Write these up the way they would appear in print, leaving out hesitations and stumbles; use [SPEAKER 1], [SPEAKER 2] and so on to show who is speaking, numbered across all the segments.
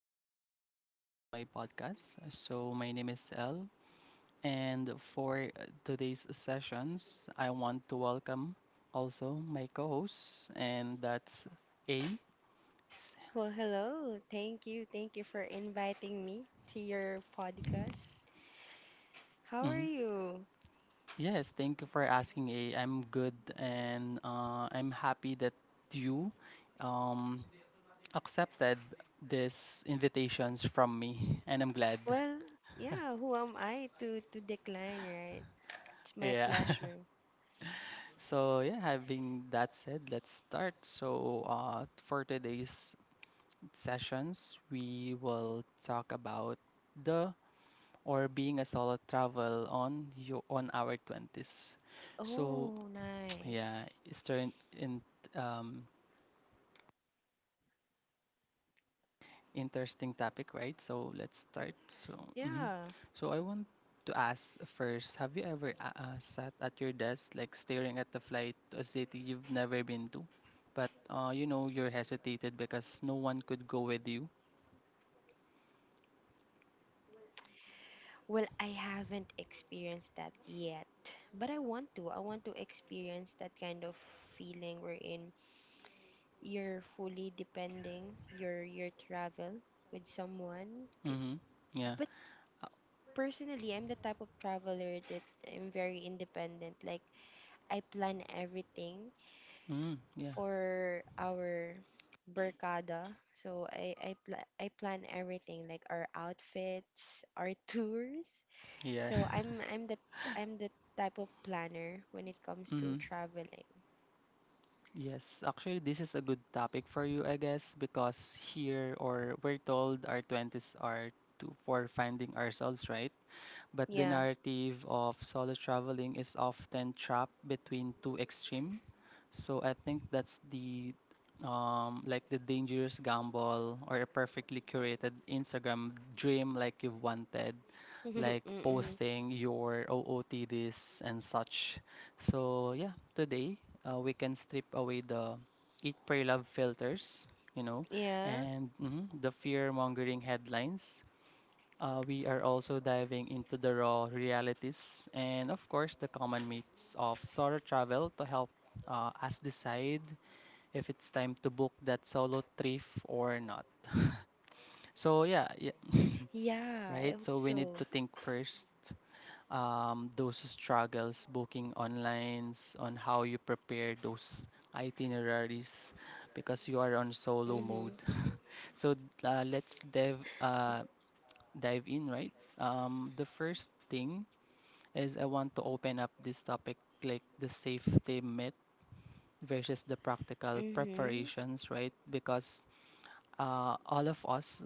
[SPEAKER 1] hello. Welcome to my podcast. So, my name is El, and for today's sessions, I want to welcome also my co host, and that's A.
[SPEAKER 2] Well, hello. Thank you. Thank you for inviting me to your podcast. How are
[SPEAKER 1] Mm-hmm.
[SPEAKER 2] you?
[SPEAKER 1] Yes, thank you for asking, A. I'm good, and I'm happy that you um, accepted this invitations from me, and I'm glad.
[SPEAKER 2] Well, yeah, who am I to decline, right? It's my
[SPEAKER 1] Yeah.
[SPEAKER 2] pleasure.
[SPEAKER 1] So yeah, having that said, let's start. So for today's sessions, we will talk about the or being a solo travel on you on our twenties. So
[SPEAKER 2] Oh,
[SPEAKER 1] yeah, it's
[SPEAKER 2] nice.
[SPEAKER 1] turned in um, interesting topic, right? So let's start. So, mhm,
[SPEAKER 2] Yeah.
[SPEAKER 1] so I want to ask first: have you ever sat at your desk, like staring at the flight to a city you've never been to, but you know you're hesitated because no one could go with you?
[SPEAKER 2] Well, I haven't experienced that yet, but I want to. I want to experience that kind of feeling wherein you're fully depending your travel with someone.
[SPEAKER 1] Mm-hmm. Yeah.
[SPEAKER 2] Personally, I'm the type of traveler that I'm very independent. Like, I plan everything
[SPEAKER 1] Yeah.
[SPEAKER 2] for our barkada. So, I plan everything, like our outfits, our tours.
[SPEAKER 1] Yeah.
[SPEAKER 2] So, I'm the type of planner when it comes to
[SPEAKER 1] Mm-hmm.
[SPEAKER 2] traveling.
[SPEAKER 1] Yes, actually, this is a good topic for you, I guess, because here or we're told our 20s are to for finding ourselves, right? But the
[SPEAKER 2] Yeah.
[SPEAKER 1] narrative of solo traveling is often trapped between two extreme. So I think that's the like the dangerous gamble or a perfectly curated Instagram dream like you've wanted, like
[SPEAKER 2] Mm-mm.
[SPEAKER 1] posting your OOTDs and such. So yeah, today we can strip away the eat pray love filters, you know,
[SPEAKER 2] Yeah.
[SPEAKER 1] and mhm, the fear mongering headlines we are also diving into the raw realities and, of course, the common myths of solo travel to help us decide if it's time to book that solo trip or not. So yeah,
[SPEAKER 2] Yeah, I
[SPEAKER 1] yeah,
[SPEAKER 2] hope so.
[SPEAKER 1] right. So we need to think first. Those struggles booking online, on how you prepare those itineraries because you are
[SPEAKER 2] Mhm.
[SPEAKER 1] on solo mode. So let's dive in, right? The first thing is I want to open up this topic like the safety myth versus the practical
[SPEAKER 2] Mhm.
[SPEAKER 1] preparations, right? Because all of us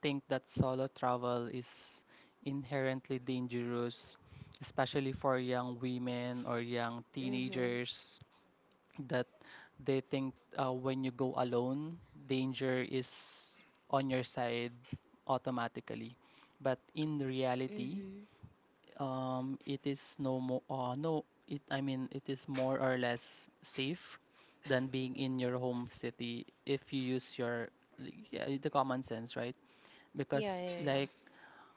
[SPEAKER 1] think that solo travel is inherently dangerous, especially for young women or young
[SPEAKER 2] Mhm.
[SPEAKER 1] teenagers that they think when you go alone, danger is on your side automatically. But in reality,
[SPEAKER 2] Mhm.
[SPEAKER 1] it is no more no it I mean it is more or less safe than being in your home city if you use your like, yeah, the common sense, right?
[SPEAKER 2] Yeah,
[SPEAKER 1] Because
[SPEAKER 2] yeah, yeah.
[SPEAKER 1] like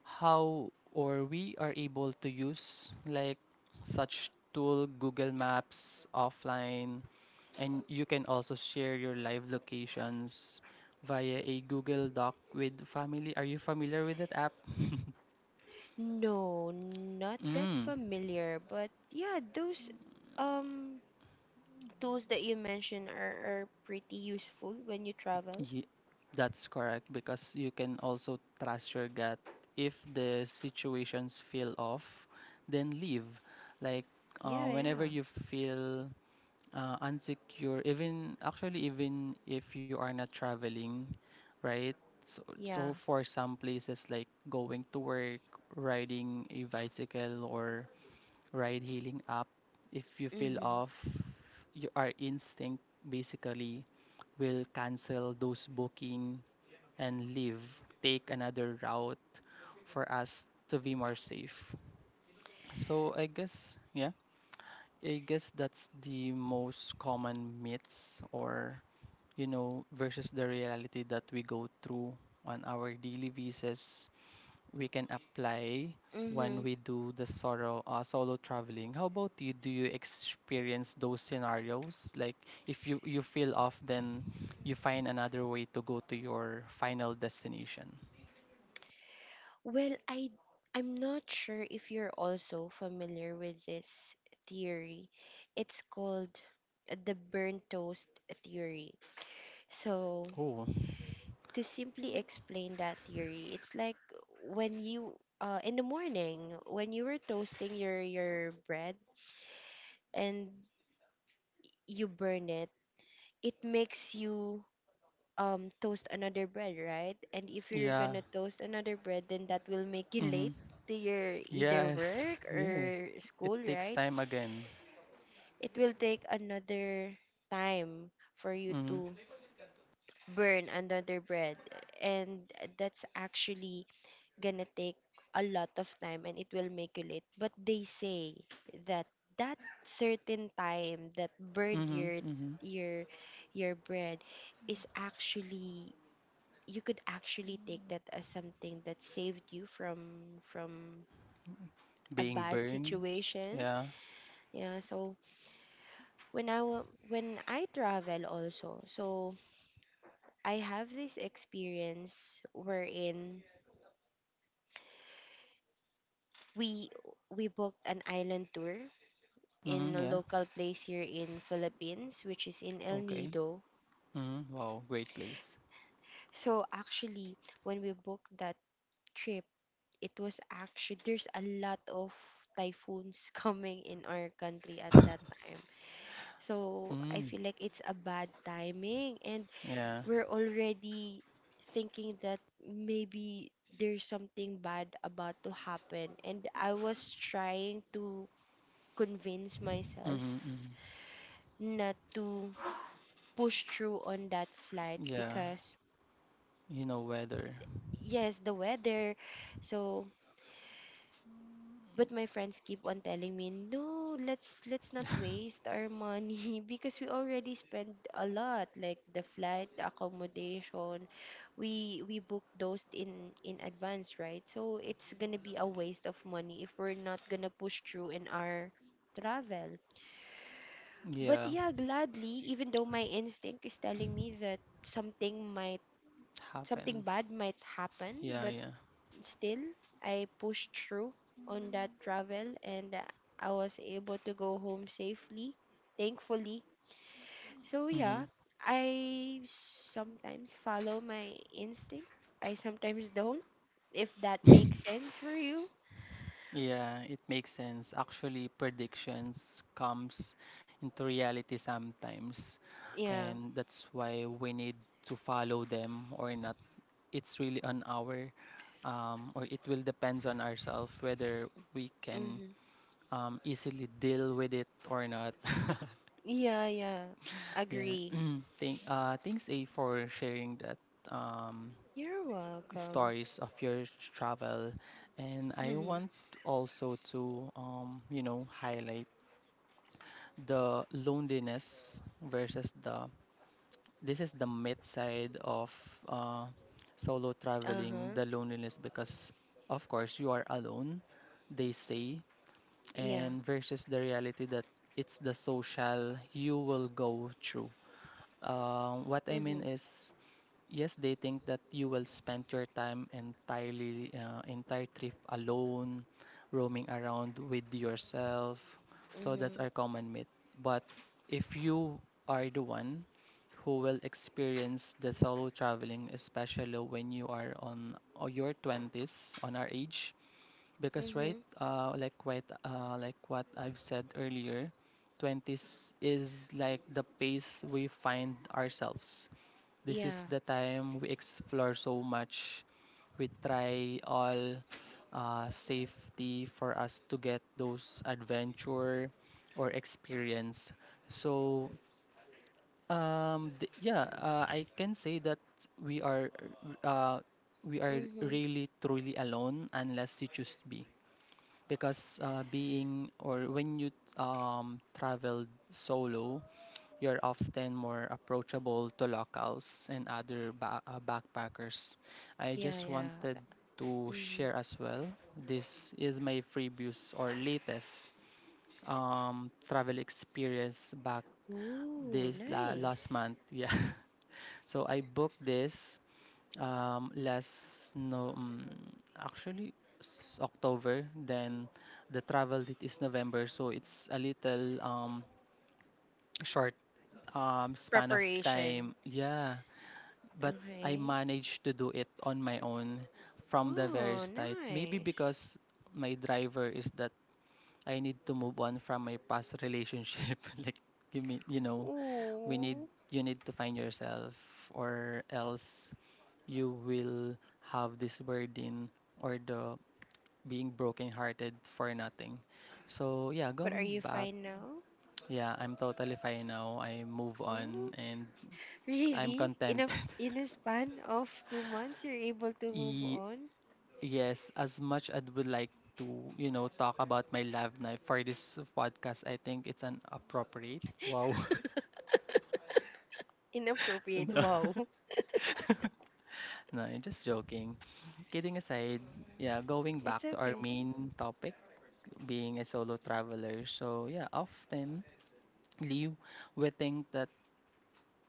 [SPEAKER 1] how or we are able to use like such tool Google Maps offline, and you can also share your live locations via a Google Doc with family. Are you familiar with that app?
[SPEAKER 2] No, not that
[SPEAKER 1] Mm.
[SPEAKER 2] familiar, but yeah, those um tools that you mentioned are pretty useful when you travel.
[SPEAKER 1] Ye- that's correct because you can also trust your gut. If the situations feel off, then leave. Like
[SPEAKER 2] Yeah,
[SPEAKER 1] whenever
[SPEAKER 2] yeah.
[SPEAKER 1] you feel unsecure, even actually even if you are not traveling, right? So
[SPEAKER 2] Yeah.
[SPEAKER 1] for some places like going to work, riding a bicycle or ride hailing app, if you feel
[SPEAKER 2] Mhm.
[SPEAKER 1] off, your our instinct basically will cancel those booking and leave, take another route for us to be more safe. So I guess, yeah, I guess that's the most common myths or, you know, versus the reality that we go through on our daily basis. We can apply when
[SPEAKER 2] Mhm.
[SPEAKER 1] we do the solo traveling. How about you? Do you experience those scenarios? Like if you feel off, then you find another way to go to your final destination.
[SPEAKER 2] Well, I'm not sure if you're also familiar with this theory. It's called the burnt toast theory. So,
[SPEAKER 1] Oh.
[SPEAKER 2] to simply explain that theory, it's like when you in the morning, when you were toasting your bread and you burn it makes you toast another bread, right? And if you're
[SPEAKER 1] Yeah.
[SPEAKER 2] gonna toast another bread, then that will make you
[SPEAKER 1] Mm-hmm.
[SPEAKER 2] late to your either
[SPEAKER 1] Yes.
[SPEAKER 2] work
[SPEAKER 1] Yeah.
[SPEAKER 2] or school,
[SPEAKER 1] It takes
[SPEAKER 2] right?
[SPEAKER 1] time again.
[SPEAKER 2] It will take another time for you
[SPEAKER 1] Mm-hmm.
[SPEAKER 2] to burn another bread, and that's actually gonna take a lot of time and it will make you late. But they say that that certain time that burned
[SPEAKER 1] Mm-hmm. Mm-hmm.
[SPEAKER 2] your your bread is actually you could actually take that as something that saved you from a
[SPEAKER 1] Being
[SPEAKER 2] bad
[SPEAKER 1] burned.
[SPEAKER 2] situation.
[SPEAKER 1] Yeah.
[SPEAKER 2] Yeah, so when when I travel also, so I have this experience wherein we we booked an island tour in
[SPEAKER 1] Mm-hmm.
[SPEAKER 2] a
[SPEAKER 1] Yeah.
[SPEAKER 2] local place here in Philippines, which is in El
[SPEAKER 1] Okay.
[SPEAKER 2] Nido.
[SPEAKER 1] Mm-hmm. Wow. Great place.
[SPEAKER 2] So actually, when we booked that trip, it was actually there's a lot of typhoons coming in our country at that time. So I
[SPEAKER 1] Mm.
[SPEAKER 2] feel like it's a bad timing, and
[SPEAKER 1] Yeah.
[SPEAKER 2] we're already thinking that maybe there's something bad about to happen, and I was trying to convince myself
[SPEAKER 1] Mm-hmm. Mm-hmm.
[SPEAKER 2] not to push through on that flight
[SPEAKER 1] Yeah.
[SPEAKER 2] because,
[SPEAKER 1] You know, weather.
[SPEAKER 2] yes, the weather. So, but my friends keep on telling me, no, let's not waste our money because we already spent a lot, like the flight, the accommodation, we book those in advance, right? So it's gonna be a waste of money if we're not gonna push through in our travel. But
[SPEAKER 1] Yeah.
[SPEAKER 2] yeah, gladly, even though my instinct is telling me that something might something
[SPEAKER 1] Happen.
[SPEAKER 2] bad might happen,
[SPEAKER 1] Yeah.
[SPEAKER 2] but
[SPEAKER 1] Yeah.
[SPEAKER 2] still, I pushed through on that travel, and I was able to go home safely, thankfully. So, yeah,
[SPEAKER 1] Mm-hmm.
[SPEAKER 2] I sometimes follow my instinct, I sometimes don't, if that makes sense for you.
[SPEAKER 1] Yeah, it makes sense. Actually, predictions comes into reality sometimes,
[SPEAKER 2] Yeah.
[SPEAKER 1] and that's why we need to follow them or not. It's really on our or it will depends on ourselves whether we can
[SPEAKER 2] Mm-hmm.
[SPEAKER 1] easily deal with it or not.
[SPEAKER 2] Yeah, yeah.
[SPEAKER 1] Yeah.
[SPEAKER 2] Agree.
[SPEAKER 1] Thanks A for sharing that um,
[SPEAKER 2] You're welcome.
[SPEAKER 1] stories of your travel. And I want also to you know, highlight the loneliness versus the this is the myth side of uh,
[SPEAKER 2] Uh-huh.
[SPEAKER 1] solo traveling, the loneliness because of course you are alone, they
[SPEAKER 2] Yeah.
[SPEAKER 1] say, and versus the reality that it's the social you will go through.
[SPEAKER 2] Mm-hmm.
[SPEAKER 1] What I mean is yes, they think that you will spend your time entire trip alone, roaming around with yourself. So
[SPEAKER 2] Mm-hmm.
[SPEAKER 1] that's our common myth. But if you are the one who will experience the solo traveling, especially when you are on or your 20s, on our age, because right,
[SPEAKER 2] Mm-hmm.
[SPEAKER 1] like what I've said earlier, 20s is like the pace we find ourselves, this
[SPEAKER 2] Yeah.
[SPEAKER 1] is the time we explore so much. We try all safety for us to get those adventure or experience. So yeah, I can say that we are uh, we are
[SPEAKER 2] Mm-hmm.
[SPEAKER 1] really truly alone unless you choose to be. Because being or when you travel solo, you're often more approachable to locals and other backpackers. I
[SPEAKER 2] Yeah,
[SPEAKER 1] just
[SPEAKER 2] yeah.
[SPEAKER 1] wanted to
[SPEAKER 2] Mm-hmm.
[SPEAKER 1] share as well. This is my previous or latest travel experience back
[SPEAKER 2] Ooh,
[SPEAKER 1] last
[SPEAKER 2] nice.
[SPEAKER 1] month. Yeah. So I booked this last no actually October. Then the travel date is November, so it's a little short span of
[SPEAKER 2] Preparation.
[SPEAKER 1] time. Yeah, but I
[SPEAKER 2] Okay.
[SPEAKER 1] managed to do it on my own from the very
[SPEAKER 2] Oh,
[SPEAKER 1] start. Maybe
[SPEAKER 2] nice.
[SPEAKER 1] because my driver is that I need to move on from my past relationship. Like you mean, you know, we need
[SPEAKER 2] Ooh.
[SPEAKER 1] you need to find yourself, or else you will have this burden or the being broken-hearted for nothing. So yeah,
[SPEAKER 2] But are
[SPEAKER 1] going
[SPEAKER 2] you
[SPEAKER 1] back,
[SPEAKER 2] fine now?
[SPEAKER 1] yeah, I'm totally fine now. I move on
[SPEAKER 2] Oh,
[SPEAKER 1] and I'm
[SPEAKER 2] really? In
[SPEAKER 1] contented.
[SPEAKER 2] a in a span of 2 months you're able to move
[SPEAKER 1] E-
[SPEAKER 2] on?
[SPEAKER 1] Yes, as much as would like to, you know, talk about my love life for this podcast, I think it's an appropriate. Wow.
[SPEAKER 2] Inappropriate.
[SPEAKER 1] No.
[SPEAKER 2] Wow.
[SPEAKER 1] No, I'm just joking. Kidding aside, yeah, going back
[SPEAKER 2] It's
[SPEAKER 1] to our
[SPEAKER 2] okay.
[SPEAKER 1] main topic, being a solo traveler. So yeah, often Liu, we think that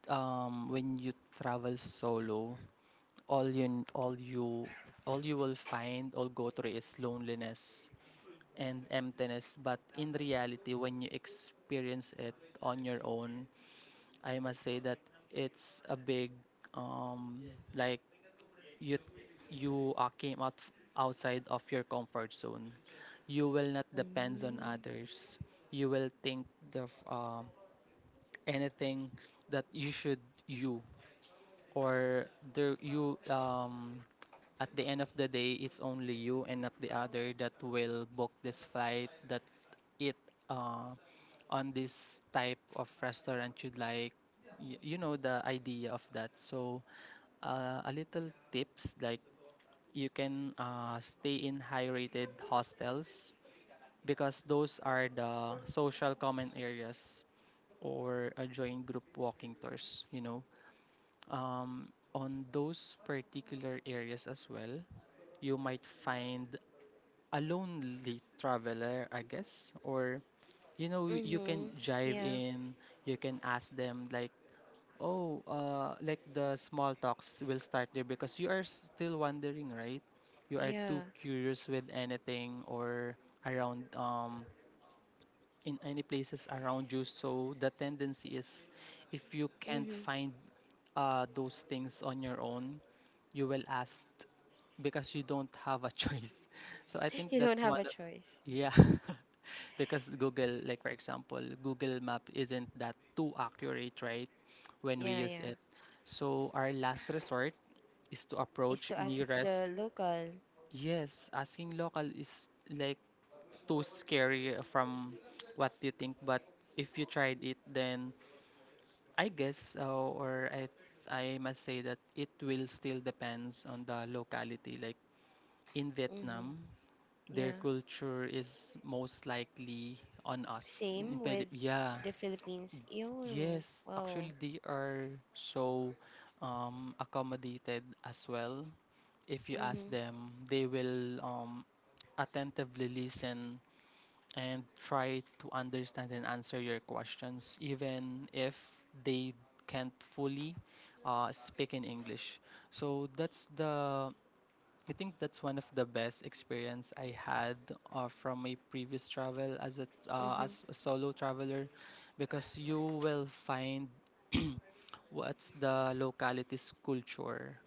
[SPEAKER 1] when you travel solo, all you all you all you will find or go through is loneliness and emptiness. But in reality, when you experience it on your own, I must say that it's a big, um, like you, you came out outside of your comfort zone. You will not depend on
[SPEAKER 2] Mm-hmm.
[SPEAKER 1] others. You will think the f- um anything that you should you or there you at the end of the day it's only you and not the other that will book this flight that it uh, on this type of restaurant you'd like. You know the idea of that. So a little tips like you can stay in high rated hostels because those are the social common areas, or join group walking tours, you know, um, on those particular areas as well you might find a lonely traveler I guess, or
[SPEAKER 2] Mm-hmm.
[SPEAKER 1] you
[SPEAKER 2] Yeah.
[SPEAKER 1] know you can jive in, you can ask them like oh, like the small talks will start there because you are still wondering,
[SPEAKER 2] Yeah.
[SPEAKER 1] right? You are too curious with anything or around in any places around you. So the tendency is if you
[SPEAKER 2] Mm-hmm.
[SPEAKER 1] can't find those things on your own, you will ask because you don't have a choice. So I
[SPEAKER 2] You
[SPEAKER 1] think
[SPEAKER 2] don't
[SPEAKER 1] that's
[SPEAKER 2] have
[SPEAKER 1] one
[SPEAKER 2] a
[SPEAKER 1] of
[SPEAKER 2] choice.
[SPEAKER 1] yeah. Because Google, like for example, Google Map isn't that too accurate, right? When we
[SPEAKER 2] Yeah,
[SPEAKER 1] use
[SPEAKER 2] yeah.
[SPEAKER 1] it. So our last resort is to
[SPEAKER 2] Is
[SPEAKER 1] approach
[SPEAKER 2] to ask
[SPEAKER 1] nearest.
[SPEAKER 2] the local.
[SPEAKER 1] Yes, asking local is like too scary from what you think, but if you tried it, then I guess or I must say that it will still depends on the locality. Like in
[SPEAKER 2] Mm-hmm.
[SPEAKER 1] Vietnam, their
[SPEAKER 2] Yeah.
[SPEAKER 1] culture is most likely on us. In
[SPEAKER 2] Same with
[SPEAKER 1] Yeah.
[SPEAKER 2] the Philippines. Yo,
[SPEAKER 1] Yes, actually
[SPEAKER 2] wow.
[SPEAKER 1] they are so accommodated as well. If you ask
[SPEAKER 2] Mm-hmm.
[SPEAKER 1] them, they will attentively listen and try to understand and answer your questions, even if they can't fully speak in English. So that's the I think that's one of the best experience I had from my previous travel
[SPEAKER 2] Mm-hmm.
[SPEAKER 1] as a solo traveler, because you will find what's the locality's culture?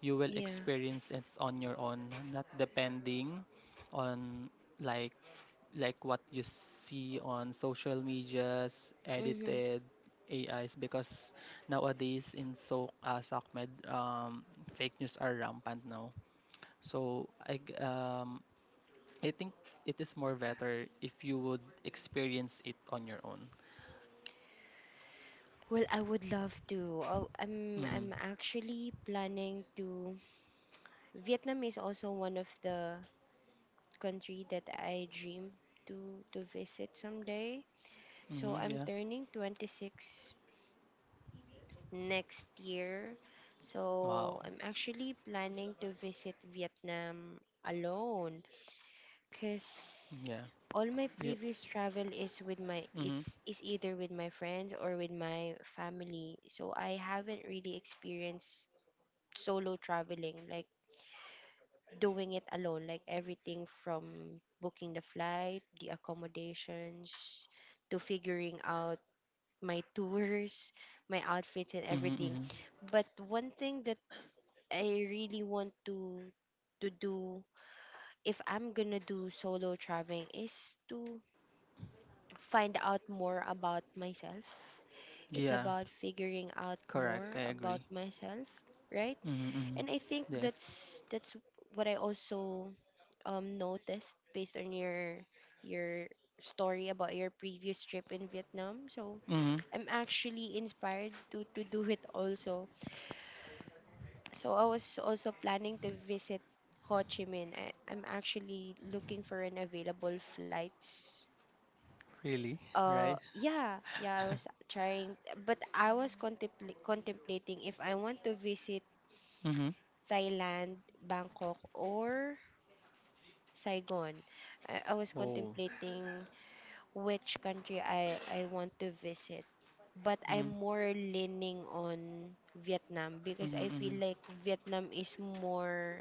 [SPEAKER 1] You will
[SPEAKER 2] Yeah.
[SPEAKER 1] experience it on your own, not depending on like like what you see on social medias,
[SPEAKER 2] Mm-hmm.
[SPEAKER 1] edited AIs. Because nowadays in so as Ahmed, fake news are rampant now. So I think it is more better if you would experience it on your own.
[SPEAKER 2] Well, I would love to. Oh, I'm
[SPEAKER 1] Mhm.
[SPEAKER 2] I'm actually planning to. Vietnam is also one of the country that I dream to visit someday. So
[SPEAKER 1] Mhm.
[SPEAKER 2] I'm
[SPEAKER 1] Yeah.
[SPEAKER 2] turning 26 next year.
[SPEAKER 1] Wow.
[SPEAKER 2] So I'm actually planning to visit Vietnam alone cuz
[SPEAKER 1] Yeah.
[SPEAKER 2] all my
[SPEAKER 1] You.
[SPEAKER 2] previous travel
[SPEAKER 1] Mhm.
[SPEAKER 2] is either with my friends or with my family. So I haven't really experienced solo traveling, like doing it alone, like everything from booking the flight, the accommodations, to figuring out my tours, my outfits, and
[SPEAKER 1] Mhm.
[SPEAKER 2] everything.
[SPEAKER 1] Mhm.
[SPEAKER 2] But one thing that I really want to do if I'm gonna do solo traveling is to find out more about myself. It's
[SPEAKER 1] Yeah,
[SPEAKER 2] about figuring out
[SPEAKER 1] correct.
[SPEAKER 2] more
[SPEAKER 1] I agree.
[SPEAKER 2] about myself, right?
[SPEAKER 1] Mm-hmm, mm-hmm.
[SPEAKER 2] And I think
[SPEAKER 1] Yes.
[SPEAKER 2] that's what I also noticed based on your story about your previous trip in Vietnam. So
[SPEAKER 1] Mm-hmm.
[SPEAKER 2] I'm actually inspired to do it also. So I was also planning to visit Ho Chi Minh. I'm actually looking for an available flights,
[SPEAKER 1] Really, right?
[SPEAKER 2] yeah, yeah, I was trying, but I was contemplating if I want to visit
[SPEAKER 1] Mm-hmm.
[SPEAKER 2] Thailand, Bangkok, or Saigon. I was
[SPEAKER 1] Oh.
[SPEAKER 2] contemplating which country I want to visit, but I'm
[SPEAKER 1] Mm-hmm,
[SPEAKER 2] more leaning on Vietnam because
[SPEAKER 1] mm-hmm,
[SPEAKER 2] I feel
[SPEAKER 1] mm-hmm.
[SPEAKER 2] like Vietnam is more,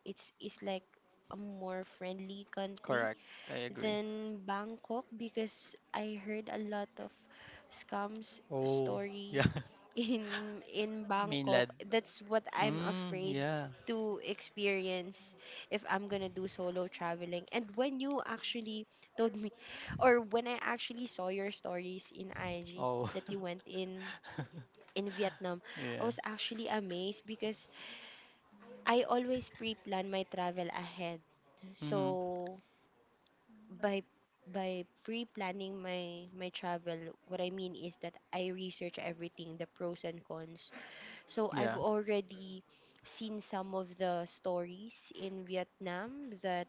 [SPEAKER 2] it's like a more friendly country
[SPEAKER 1] Correct. I agree.
[SPEAKER 2] then Bangkok because I heard a lot of scams
[SPEAKER 1] Oh,
[SPEAKER 2] story
[SPEAKER 1] yeah.
[SPEAKER 2] in
[SPEAKER 1] Mainland.
[SPEAKER 2] Bangkok. That's what I'm
[SPEAKER 1] Mm,
[SPEAKER 2] afraid
[SPEAKER 1] yeah.
[SPEAKER 2] to experience if I'm gonna do solo traveling. And when you actually told me or when I actually saw your stories in IG
[SPEAKER 1] Oh,
[SPEAKER 2] that you went in in Vietnam,
[SPEAKER 1] yeah.
[SPEAKER 2] I was actually amazed because I always pre-plan my travel ahead.
[SPEAKER 1] Mm-hmm.
[SPEAKER 2] So by by pre-planning my travel, what I mean is that I research everything, the pros and cons. So I've
[SPEAKER 1] Yeah.
[SPEAKER 2] already seen some of the stories in Vietnam that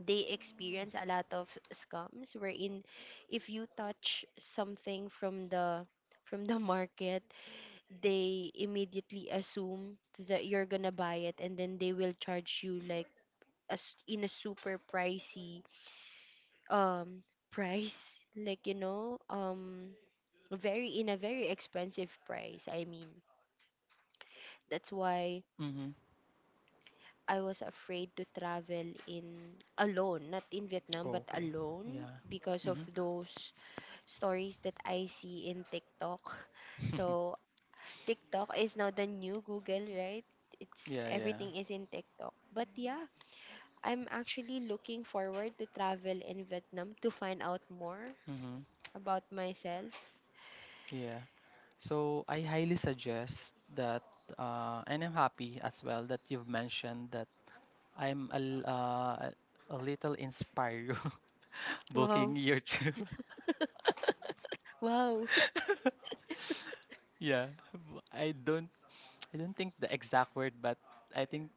[SPEAKER 2] they experience a lot of scams wherein, if you touch something from the market, they immediately assume that you're gonna buy it, and then they will charge you like, as in, a super pricey um price, like, very in a very expensive price, I mean. That's why
[SPEAKER 1] Mm-hmm.
[SPEAKER 2] I was afraid to travel in alone, not in Vietnam, but
[SPEAKER 1] Oh, okay.
[SPEAKER 2] alone,
[SPEAKER 1] Yeah.
[SPEAKER 2] because of those stories that I see in TikTok.
[SPEAKER 1] Mm-hmm.
[SPEAKER 2] So TikTok is now the new Google, right? it's
[SPEAKER 1] Yeah, yeah.
[SPEAKER 2] Everything is in TikTok, but yeah, I'm actually looking forward to travel in Vietnam to find out more
[SPEAKER 1] Mm-hmm.
[SPEAKER 2] about myself.
[SPEAKER 1] Yeah. So I highly suggest that, and I'm happy as well that you've mentioned that I'm a little inspired
[SPEAKER 2] Wow.
[SPEAKER 1] booking your trip.
[SPEAKER 2] Wow.
[SPEAKER 1] yeah, b- I don't I don't think the exact word, but I think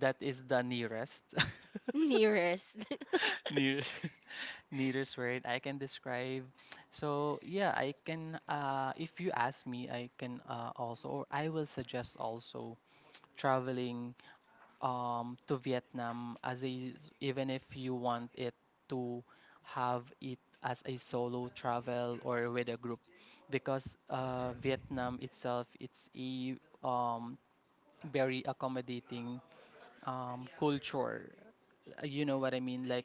[SPEAKER 1] that is the nearest
[SPEAKER 2] Nearest.
[SPEAKER 1] nearest nearest word I can describe. So yeah, I can if you ask me, I can also, or I will suggest also traveling to Vietnam as even if you want it to have it as a solo travel or with a group, because Vietnam itself, it's a um, very accommodating culture. You know what I mean, like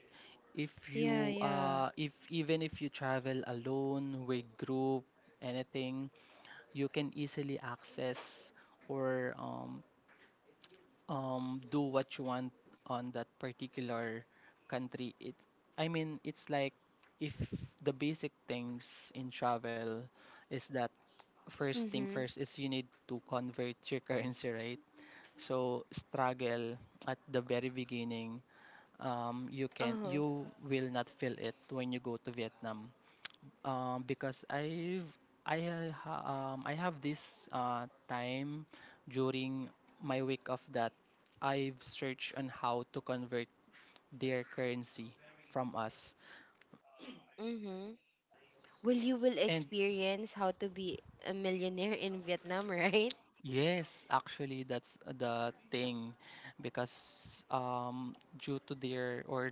[SPEAKER 1] if
[SPEAKER 2] Yeah,
[SPEAKER 1] you
[SPEAKER 2] yeah.
[SPEAKER 1] if even if you travel alone with group, anything, you can easily access or do what you want on that particular country. It i mean it's like, if the basic things in travel is that, first thing
[SPEAKER 2] Mm-hmm.
[SPEAKER 1] first is you need to convert your currency, right? So, struggle at the very beginning, you can,
[SPEAKER 2] Uh-huh.
[SPEAKER 1] you will not feel it when you go to Vietnam, because I've I ha- ha- I have this time during my week of that, I've searched on how to convert their currency from us.
[SPEAKER 2] Mm-hmm. Well, you will
[SPEAKER 1] And
[SPEAKER 2] experience how to be a millionaire in Vietnam, right?
[SPEAKER 1] yes, actually that's the thing, because due to their, or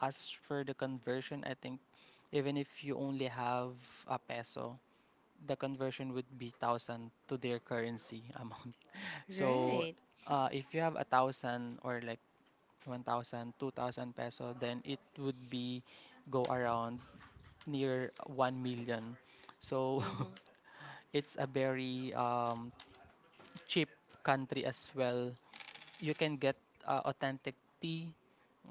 [SPEAKER 1] as for the conversion, I think, even if you only have a peso, the conversion would be thousand to their currency amount. So,
[SPEAKER 2] Right.
[SPEAKER 1] if you have a thousand, or like 1,000, 2,000 peso, then it would be go around near 1 million. So,
[SPEAKER 2] Mm-hmm.
[SPEAKER 1] it's a very cheap country as well. You can get authentic tea,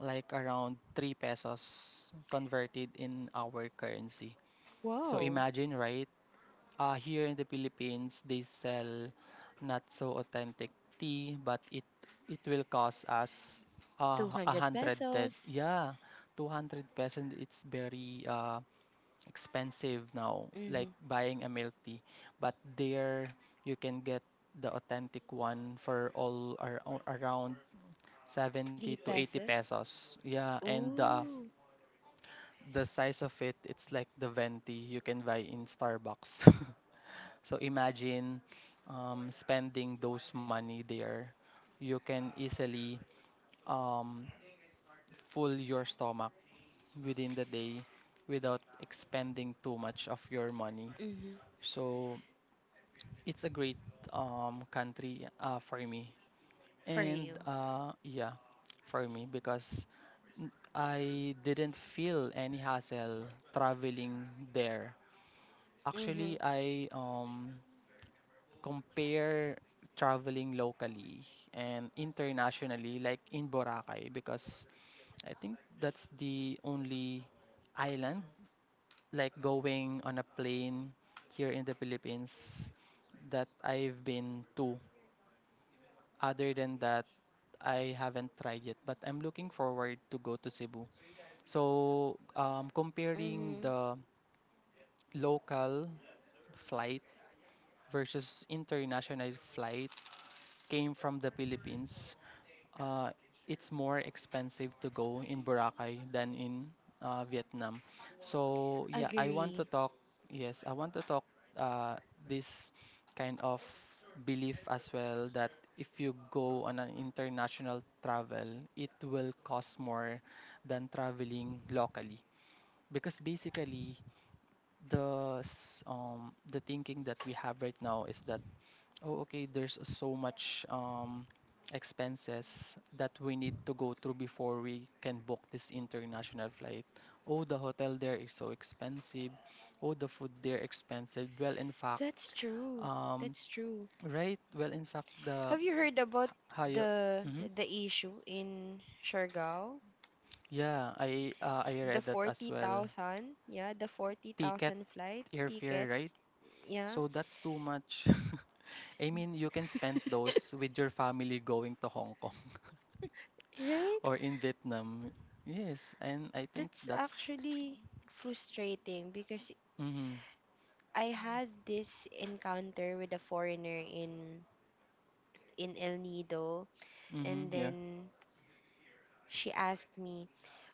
[SPEAKER 1] like around 3 pesos converted in our currency. So,
[SPEAKER 2] Wow.
[SPEAKER 1] imagine, right? Here in the Philippines, they sell not so authentic tea, but it will cost us a
[SPEAKER 2] 200
[SPEAKER 1] hundred.
[SPEAKER 2] pesos.
[SPEAKER 1] Yeah, 200 pesos. It's very expensive now, like
[SPEAKER 2] Hmm.
[SPEAKER 1] buying a milk tea. But there, you can get the authentic one for around 70
[SPEAKER 2] 3
[SPEAKER 1] to 80
[SPEAKER 2] pesos.
[SPEAKER 1] pesos. Yeah, and the
[SPEAKER 2] Ooh.
[SPEAKER 1] the size of it, it's like the venti you can buy in Starbucks. So imagine spending those money there. You can easily um, full your stomach within the day without expending too much of your money.
[SPEAKER 2] Hmm.
[SPEAKER 1] So it's a great country for me.
[SPEAKER 2] For
[SPEAKER 1] And
[SPEAKER 2] you.
[SPEAKER 1] yeah, for me, because I didn't feel any hassle traveling there.
[SPEAKER 2] Hmm.
[SPEAKER 1] Actually, I compare traveling locally and internationally, like in Boracay, because I think that's the only island, like going on a plane here in the Philippines, that I've been to. Other than that, I haven't tried yet, but I'm looking forward to go to Cebu. So, comparing
[SPEAKER 2] Mm-hmm.
[SPEAKER 1] the local flight versus international flight came from the Philippines, uh, it's more expensive to go in Boracay than in Vietnam. So yeah, I want to
[SPEAKER 2] Agree.
[SPEAKER 1] talk. Yes, I want to talk uh, this kind of belief as well, that if you go on an international travel, it will cost more than traveling locally, because basically the thinking that we have right now is that, oh, okay, there's so much expenses that we need to go through before we can book this international flight. Oh, the hotel there is so expensive. Oh, the food there expensive. Well, in fact,
[SPEAKER 2] That's true.
[SPEAKER 1] um,
[SPEAKER 2] That's true.
[SPEAKER 1] right? Well, in fact, the
[SPEAKER 2] Have you heard about
[SPEAKER 1] higher.
[SPEAKER 2] the
[SPEAKER 1] Mhm.
[SPEAKER 2] the issue in Siargao?
[SPEAKER 1] Yeah, I
[SPEAKER 2] The
[SPEAKER 1] read that as well.
[SPEAKER 2] 40,000, yeah, the
[SPEAKER 1] Ticket,
[SPEAKER 2] 40,000 flight ticket,
[SPEAKER 1] airfare, right?
[SPEAKER 2] yeah.
[SPEAKER 1] So that's too much. I mean, you can spend those with your family going to Hong Kong,
[SPEAKER 2] Right?
[SPEAKER 1] or in Vietnam. Yes, and I think
[SPEAKER 2] That's
[SPEAKER 1] that's
[SPEAKER 2] actually frustrating because
[SPEAKER 1] mm-hmm,
[SPEAKER 2] I had this encounter with a foreigner in El Nido,
[SPEAKER 1] mm-hmm,
[SPEAKER 2] and
[SPEAKER 1] yeah.
[SPEAKER 2] then she asked me,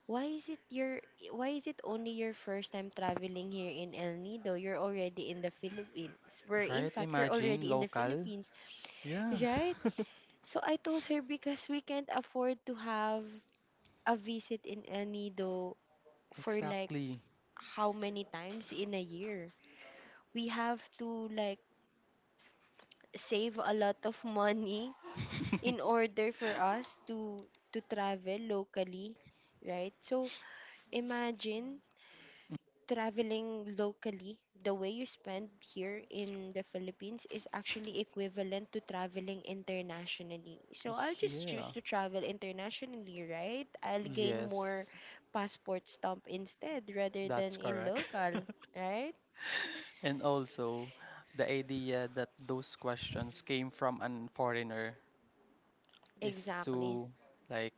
[SPEAKER 2] "Why is it your why is it only your first time traveling here in El Nido? You're already in the Philippines." Where in
[SPEAKER 1] Right?
[SPEAKER 2] fact you're
[SPEAKER 1] Imagine
[SPEAKER 2] already in the
[SPEAKER 1] local.
[SPEAKER 2] Philippines,
[SPEAKER 1] Yeah,
[SPEAKER 2] right? So I told her because we can't afford to have a visit in El Nido for, like,
[SPEAKER 1] exactly.
[SPEAKER 2] how many times in a year, we have to, like, save a lot of money in order for us to travel locally, right? So imagine traveling locally, the way you spend here in the Philippines is actually equivalent to traveling internationally. So I'll just
[SPEAKER 1] Yeah.
[SPEAKER 2] choose to travel internationally, right? I'll gain more
[SPEAKER 1] Yes,
[SPEAKER 2] passport stamp instead rather
[SPEAKER 1] that's
[SPEAKER 2] than in
[SPEAKER 1] correct.
[SPEAKER 2] local, right?
[SPEAKER 1] And also, the idea that those questions came from an foreigner is
[SPEAKER 2] Exactly.
[SPEAKER 1] too, like,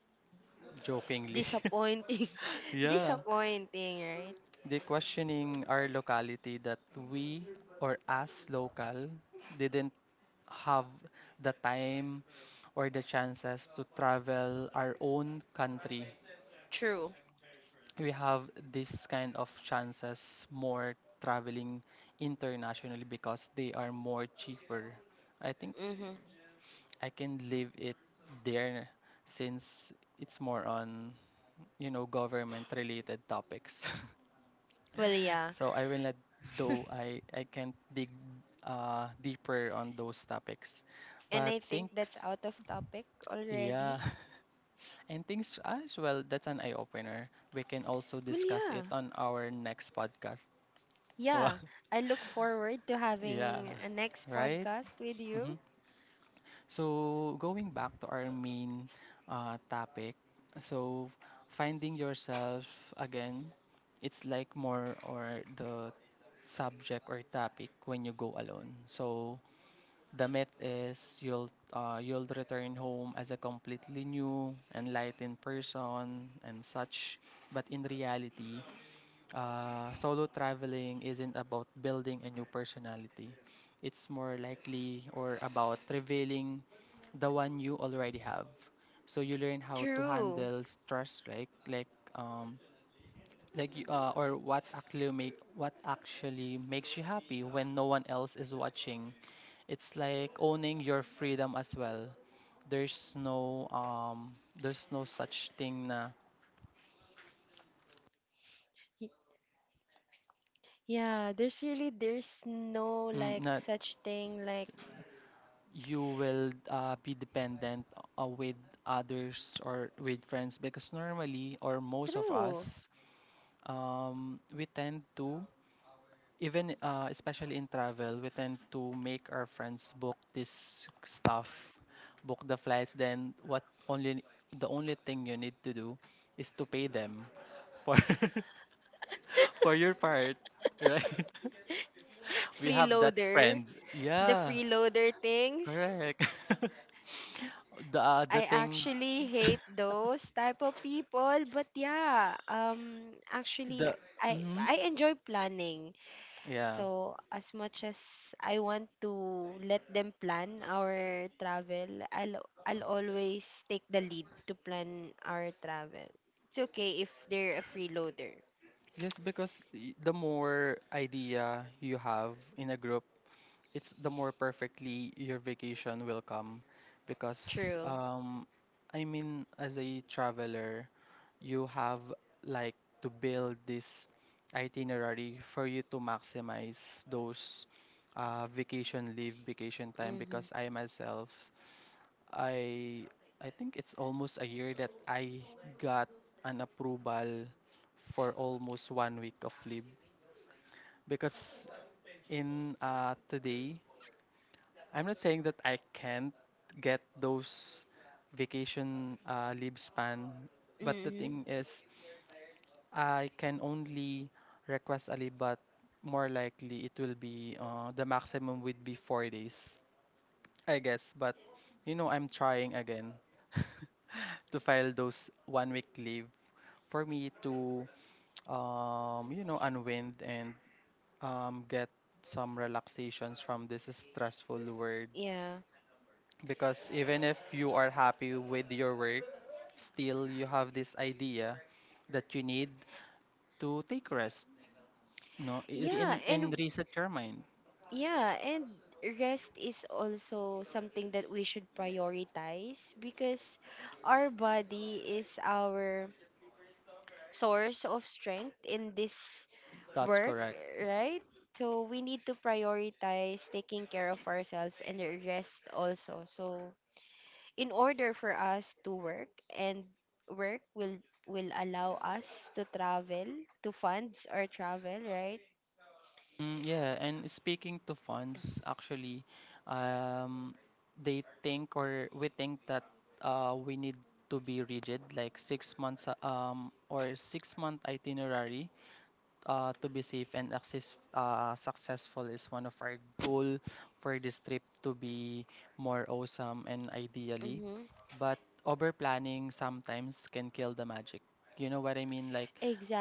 [SPEAKER 1] jokingly.
[SPEAKER 2] Disappointing.
[SPEAKER 1] Yeah,
[SPEAKER 2] Disappointing, right?
[SPEAKER 1] the questioning our locality, that we, or us local, didn't have the time or the chances to travel our own country.
[SPEAKER 2] True.
[SPEAKER 1] We have this kind of chances more, traveling internationally, because they are more cheaper. I think
[SPEAKER 2] Mm-hmm.
[SPEAKER 1] I can leave it there, since it's more on, you know, government related topics.
[SPEAKER 2] Well, yeah.
[SPEAKER 1] So I will let, though I can't dig deeper on those topics.
[SPEAKER 2] And
[SPEAKER 1] But
[SPEAKER 2] I think that's
[SPEAKER 1] thanks.
[SPEAKER 2] out of topic
[SPEAKER 1] Yeah.
[SPEAKER 2] already.
[SPEAKER 1] And things as well, that's an eye opener. We can also
[SPEAKER 2] Well,
[SPEAKER 1] discuss
[SPEAKER 2] yeah.
[SPEAKER 1] it on our next podcast. Wow.
[SPEAKER 2] Yeah. I look forward to
[SPEAKER 1] Yeah,
[SPEAKER 2] having a next
[SPEAKER 1] right?
[SPEAKER 2] podcast with
[SPEAKER 1] hmm
[SPEAKER 2] you.
[SPEAKER 1] So, going back to our main topic, so finding yourself again, it's like more, or the subject or topic when you go alone. So, the myth is you'll return home as a completely new, enlightened person and such. But in reality, solo traveling isn't about building a new personality. It's more likely, or about revealing the one you already have. So you learn how to
[SPEAKER 2] True.
[SPEAKER 1] handle stress, um like or what actually makes you happy when no one else is watching. It's like owning your freedom as well. There's no um there's no such thing, na,
[SPEAKER 2] Y- Yeah, there's no, like,
[SPEAKER 1] na
[SPEAKER 2] such thing like
[SPEAKER 1] you will be dependent with others or with friends, because normally, or most of
[SPEAKER 2] true
[SPEAKER 1] us, we tend to, even especially in travel, we tend to make our friends book this stuff, book the flights, then what, only the only thing you need to do is to pay them for for your part, right? We have that
[SPEAKER 2] freeloader.
[SPEAKER 1] friend,
[SPEAKER 2] The
[SPEAKER 1] yeah,
[SPEAKER 2] freeloader things.
[SPEAKER 1] correct. The
[SPEAKER 2] I
[SPEAKER 1] thing.
[SPEAKER 2] actually hate those type of people, but yeah, actually
[SPEAKER 1] The
[SPEAKER 2] I
[SPEAKER 1] mhm,
[SPEAKER 2] I enjoy planning.
[SPEAKER 1] yeah.
[SPEAKER 2] So, as much as I want to let them plan our travel, I'll always take the lead to plan our travel. It's okay if they're a freeloader.
[SPEAKER 1] Yes, because the more idea you have in a group, it's the more perfectly your vacation will come. Because
[SPEAKER 2] True.
[SPEAKER 1] I mean, as a traveler, you have like to build this itinerary for you to maximize those vacation leave, vacation time,
[SPEAKER 2] Mhm.
[SPEAKER 1] because I myself, I I think it's almost a year that I got an approval for almost 1 week of leave, because in today, I'm not saying that I can't get those vacation leave span, but the
[SPEAKER 2] Mhm.
[SPEAKER 1] thing is, I can only request a leave, but more likely it will be the maximum would be 4 days, I guess, but you know, I'm trying again to file those 1 week leave for me to, you know, unwind and get some relaxations from this stressful world.
[SPEAKER 2] Yeah.
[SPEAKER 1] Because even if you are happy with your work, still you have this idea that you need to take rest, no,
[SPEAKER 2] Yeah, and
[SPEAKER 1] in reset your mind.
[SPEAKER 2] Yeah, and rest is also something that we should prioritize because our body is our source of strength in this
[SPEAKER 1] That's
[SPEAKER 2] work,
[SPEAKER 1] correct.
[SPEAKER 2] right? So we need to prioritize taking care of ourselves and rest also. So, in order for us to work, and work will allow us to travel to funds or travel, right?
[SPEAKER 1] Mm, yeah, and speaking to funds, actually, um, they think, or we think that we need to be rigid, like 6 months or 6 month itinerary to be safe and access, successful is one of our goal for this trip to be more awesome and ideally,
[SPEAKER 2] Mm-hmm.
[SPEAKER 1] but over planning sometimes can kill the magic. You know what I mean? Like,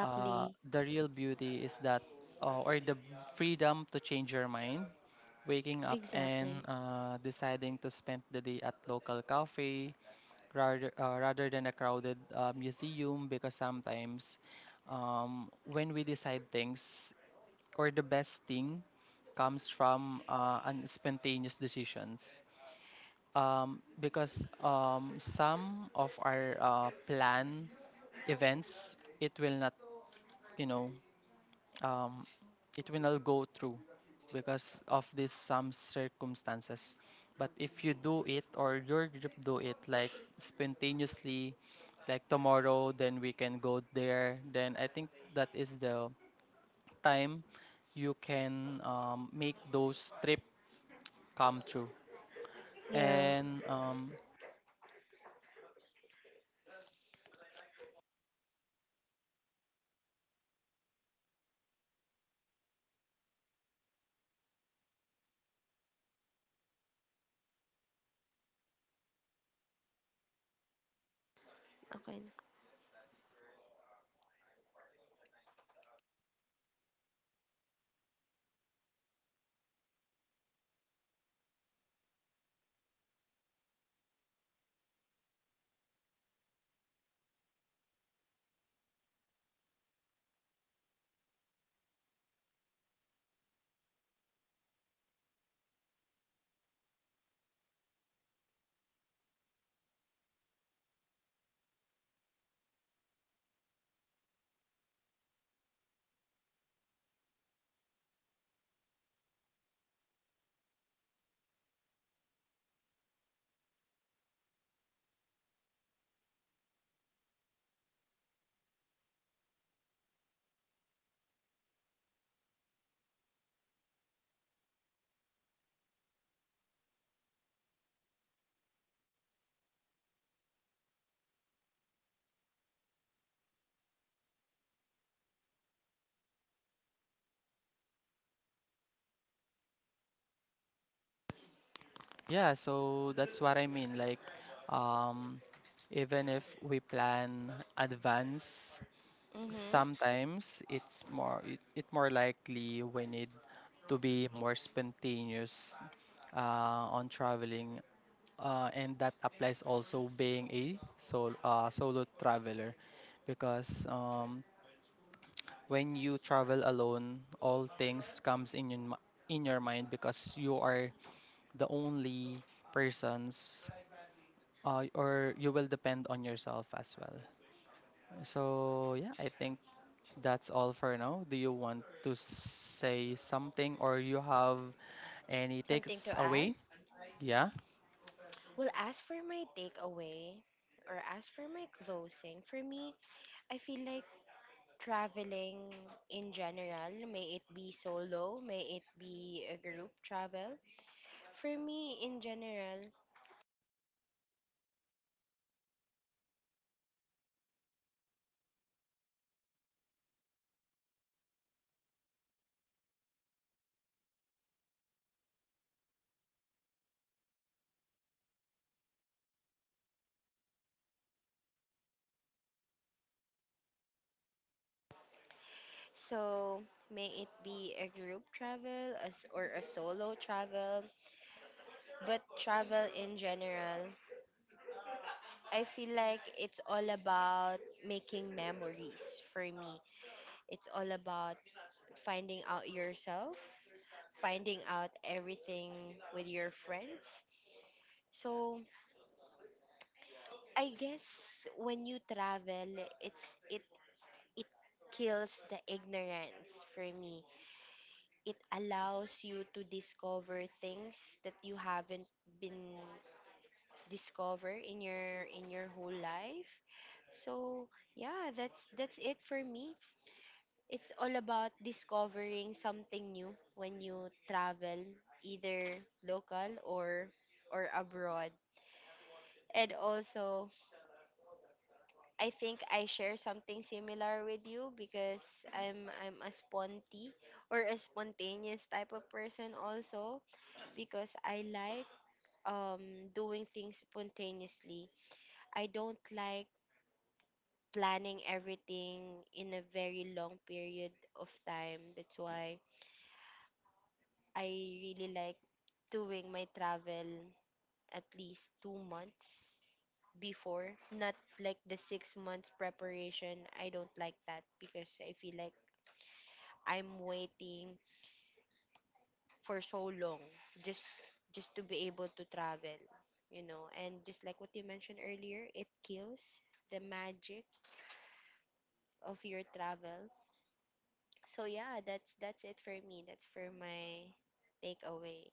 [SPEAKER 1] the real beauty is that, or the freedom to change your mind, waking up and
[SPEAKER 2] Exactly.
[SPEAKER 1] deciding to spend the day at local cafe rather than a crowded museum. Because sometimes, when we decide things, or the best thing comes from unspontaneous decisions, because some of our plan events, it will not, you know, um, it will not go through because of this some circumstances, but if you do it or your group do it like spontaneously, like tomorrow, then we can go there, then I think that is the time you can make those trip come true,
[SPEAKER 2] Yeah.
[SPEAKER 1] and
[SPEAKER 2] Okay na.
[SPEAKER 1] yeah, so that's what I mean. Like, um, even if we plan advance,
[SPEAKER 2] Mm-hmm.
[SPEAKER 1] sometimes it's more it, it more likely we need to be more spontaneous on traveling, and that applies also being a solo traveler, because when you travel alone, all things comes in your, in your mind, because you are the only persons, or you will depend on yourself as well. So yeah, I think that's all for now. Do you want to say something, or you have any
[SPEAKER 2] Something
[SPEAKER 1] takes
[SPEAKER 2] to add?
[SPEAKER 1] away? Yeah.
[SPEAKER 2] Well, as for my takeaway, or as for my closing, for me, I feel like traveling in general, may it be solo, may it be a group travel. For me, in general, so may it be a group travel as or a solo travel, but travel in general, I feel like it's all about making memories for me. It's all about finding out yourself, finding out everything with your friends. So I guess when you travel, it's it it kills the ignorance for me. It allows you to discover things that you haven't been discover in your whole life. So yeah, that's it for me. It's all about discovering something new when you travel, either local or abroad. And also, I think I share something similar with you because I'm a sponty or a spontaneous type of person also because I like doing things spontaneously. I don't like planning everything in a very long period of time. That's why I really like doing my travel at least 2 months before, not like the 6 months preparation. I don't like that because I feel like I'm waiting for so long just just to be able to travel. And just like what you mentioned earlier, it kills the magic of your travel. So yeah, that's it for me. That's for my takeaway.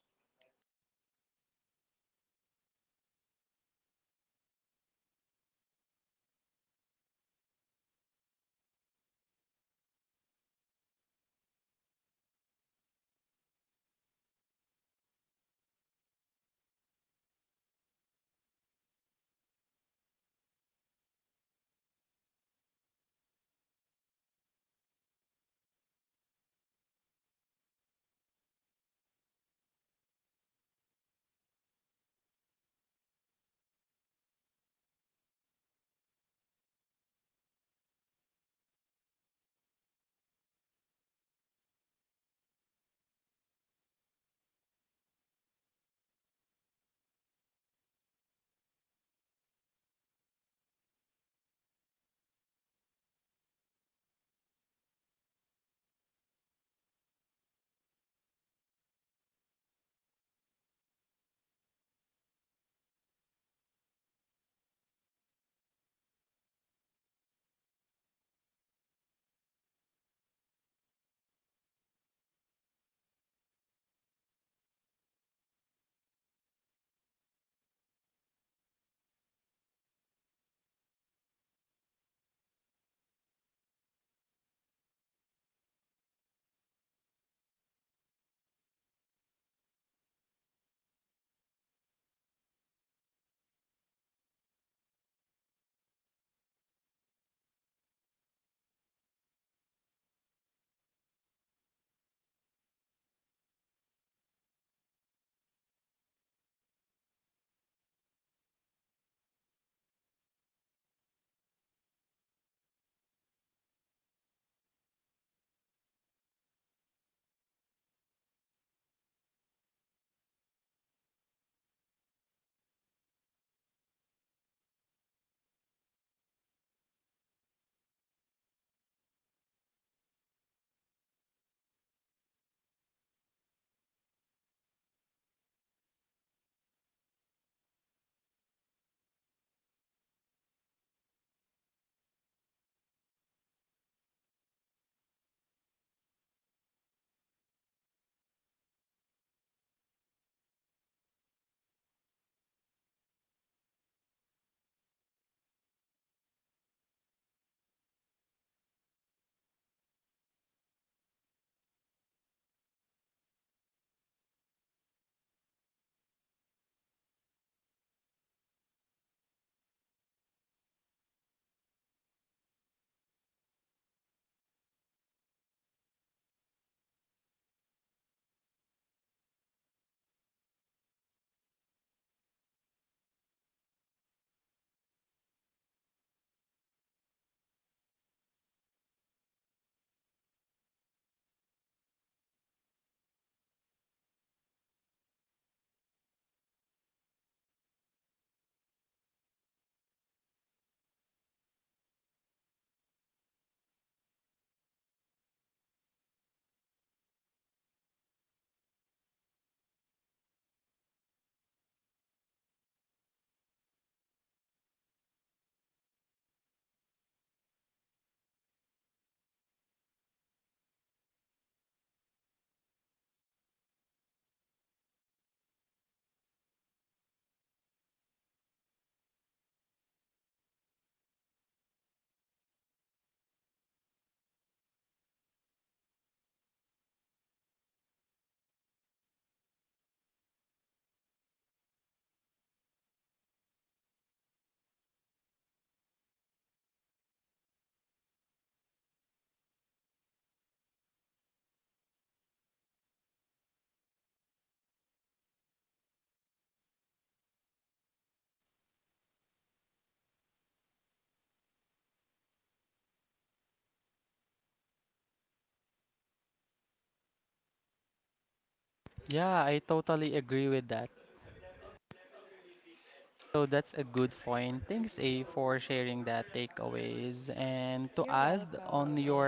[SPEAKER 2] You're welcome, El.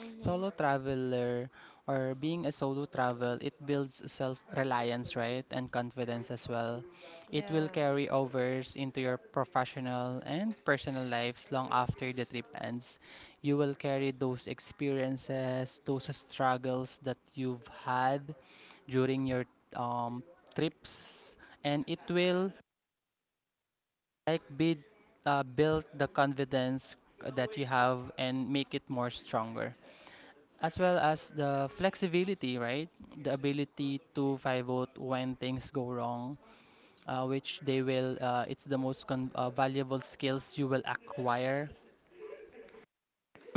[SPEAKER 2] Mm-hmm. Yeah.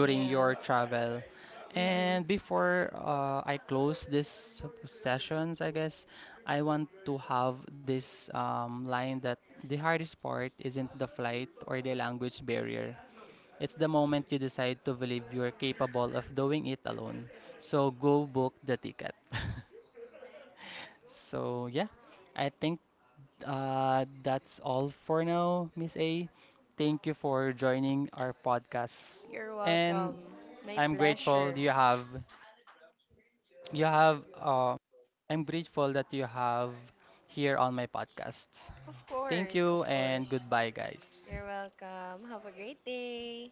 [SPEAKER 2] Yeah. Mhm. You're welcome. My pleasure. Of course, of course. You're welcome. Have a great day.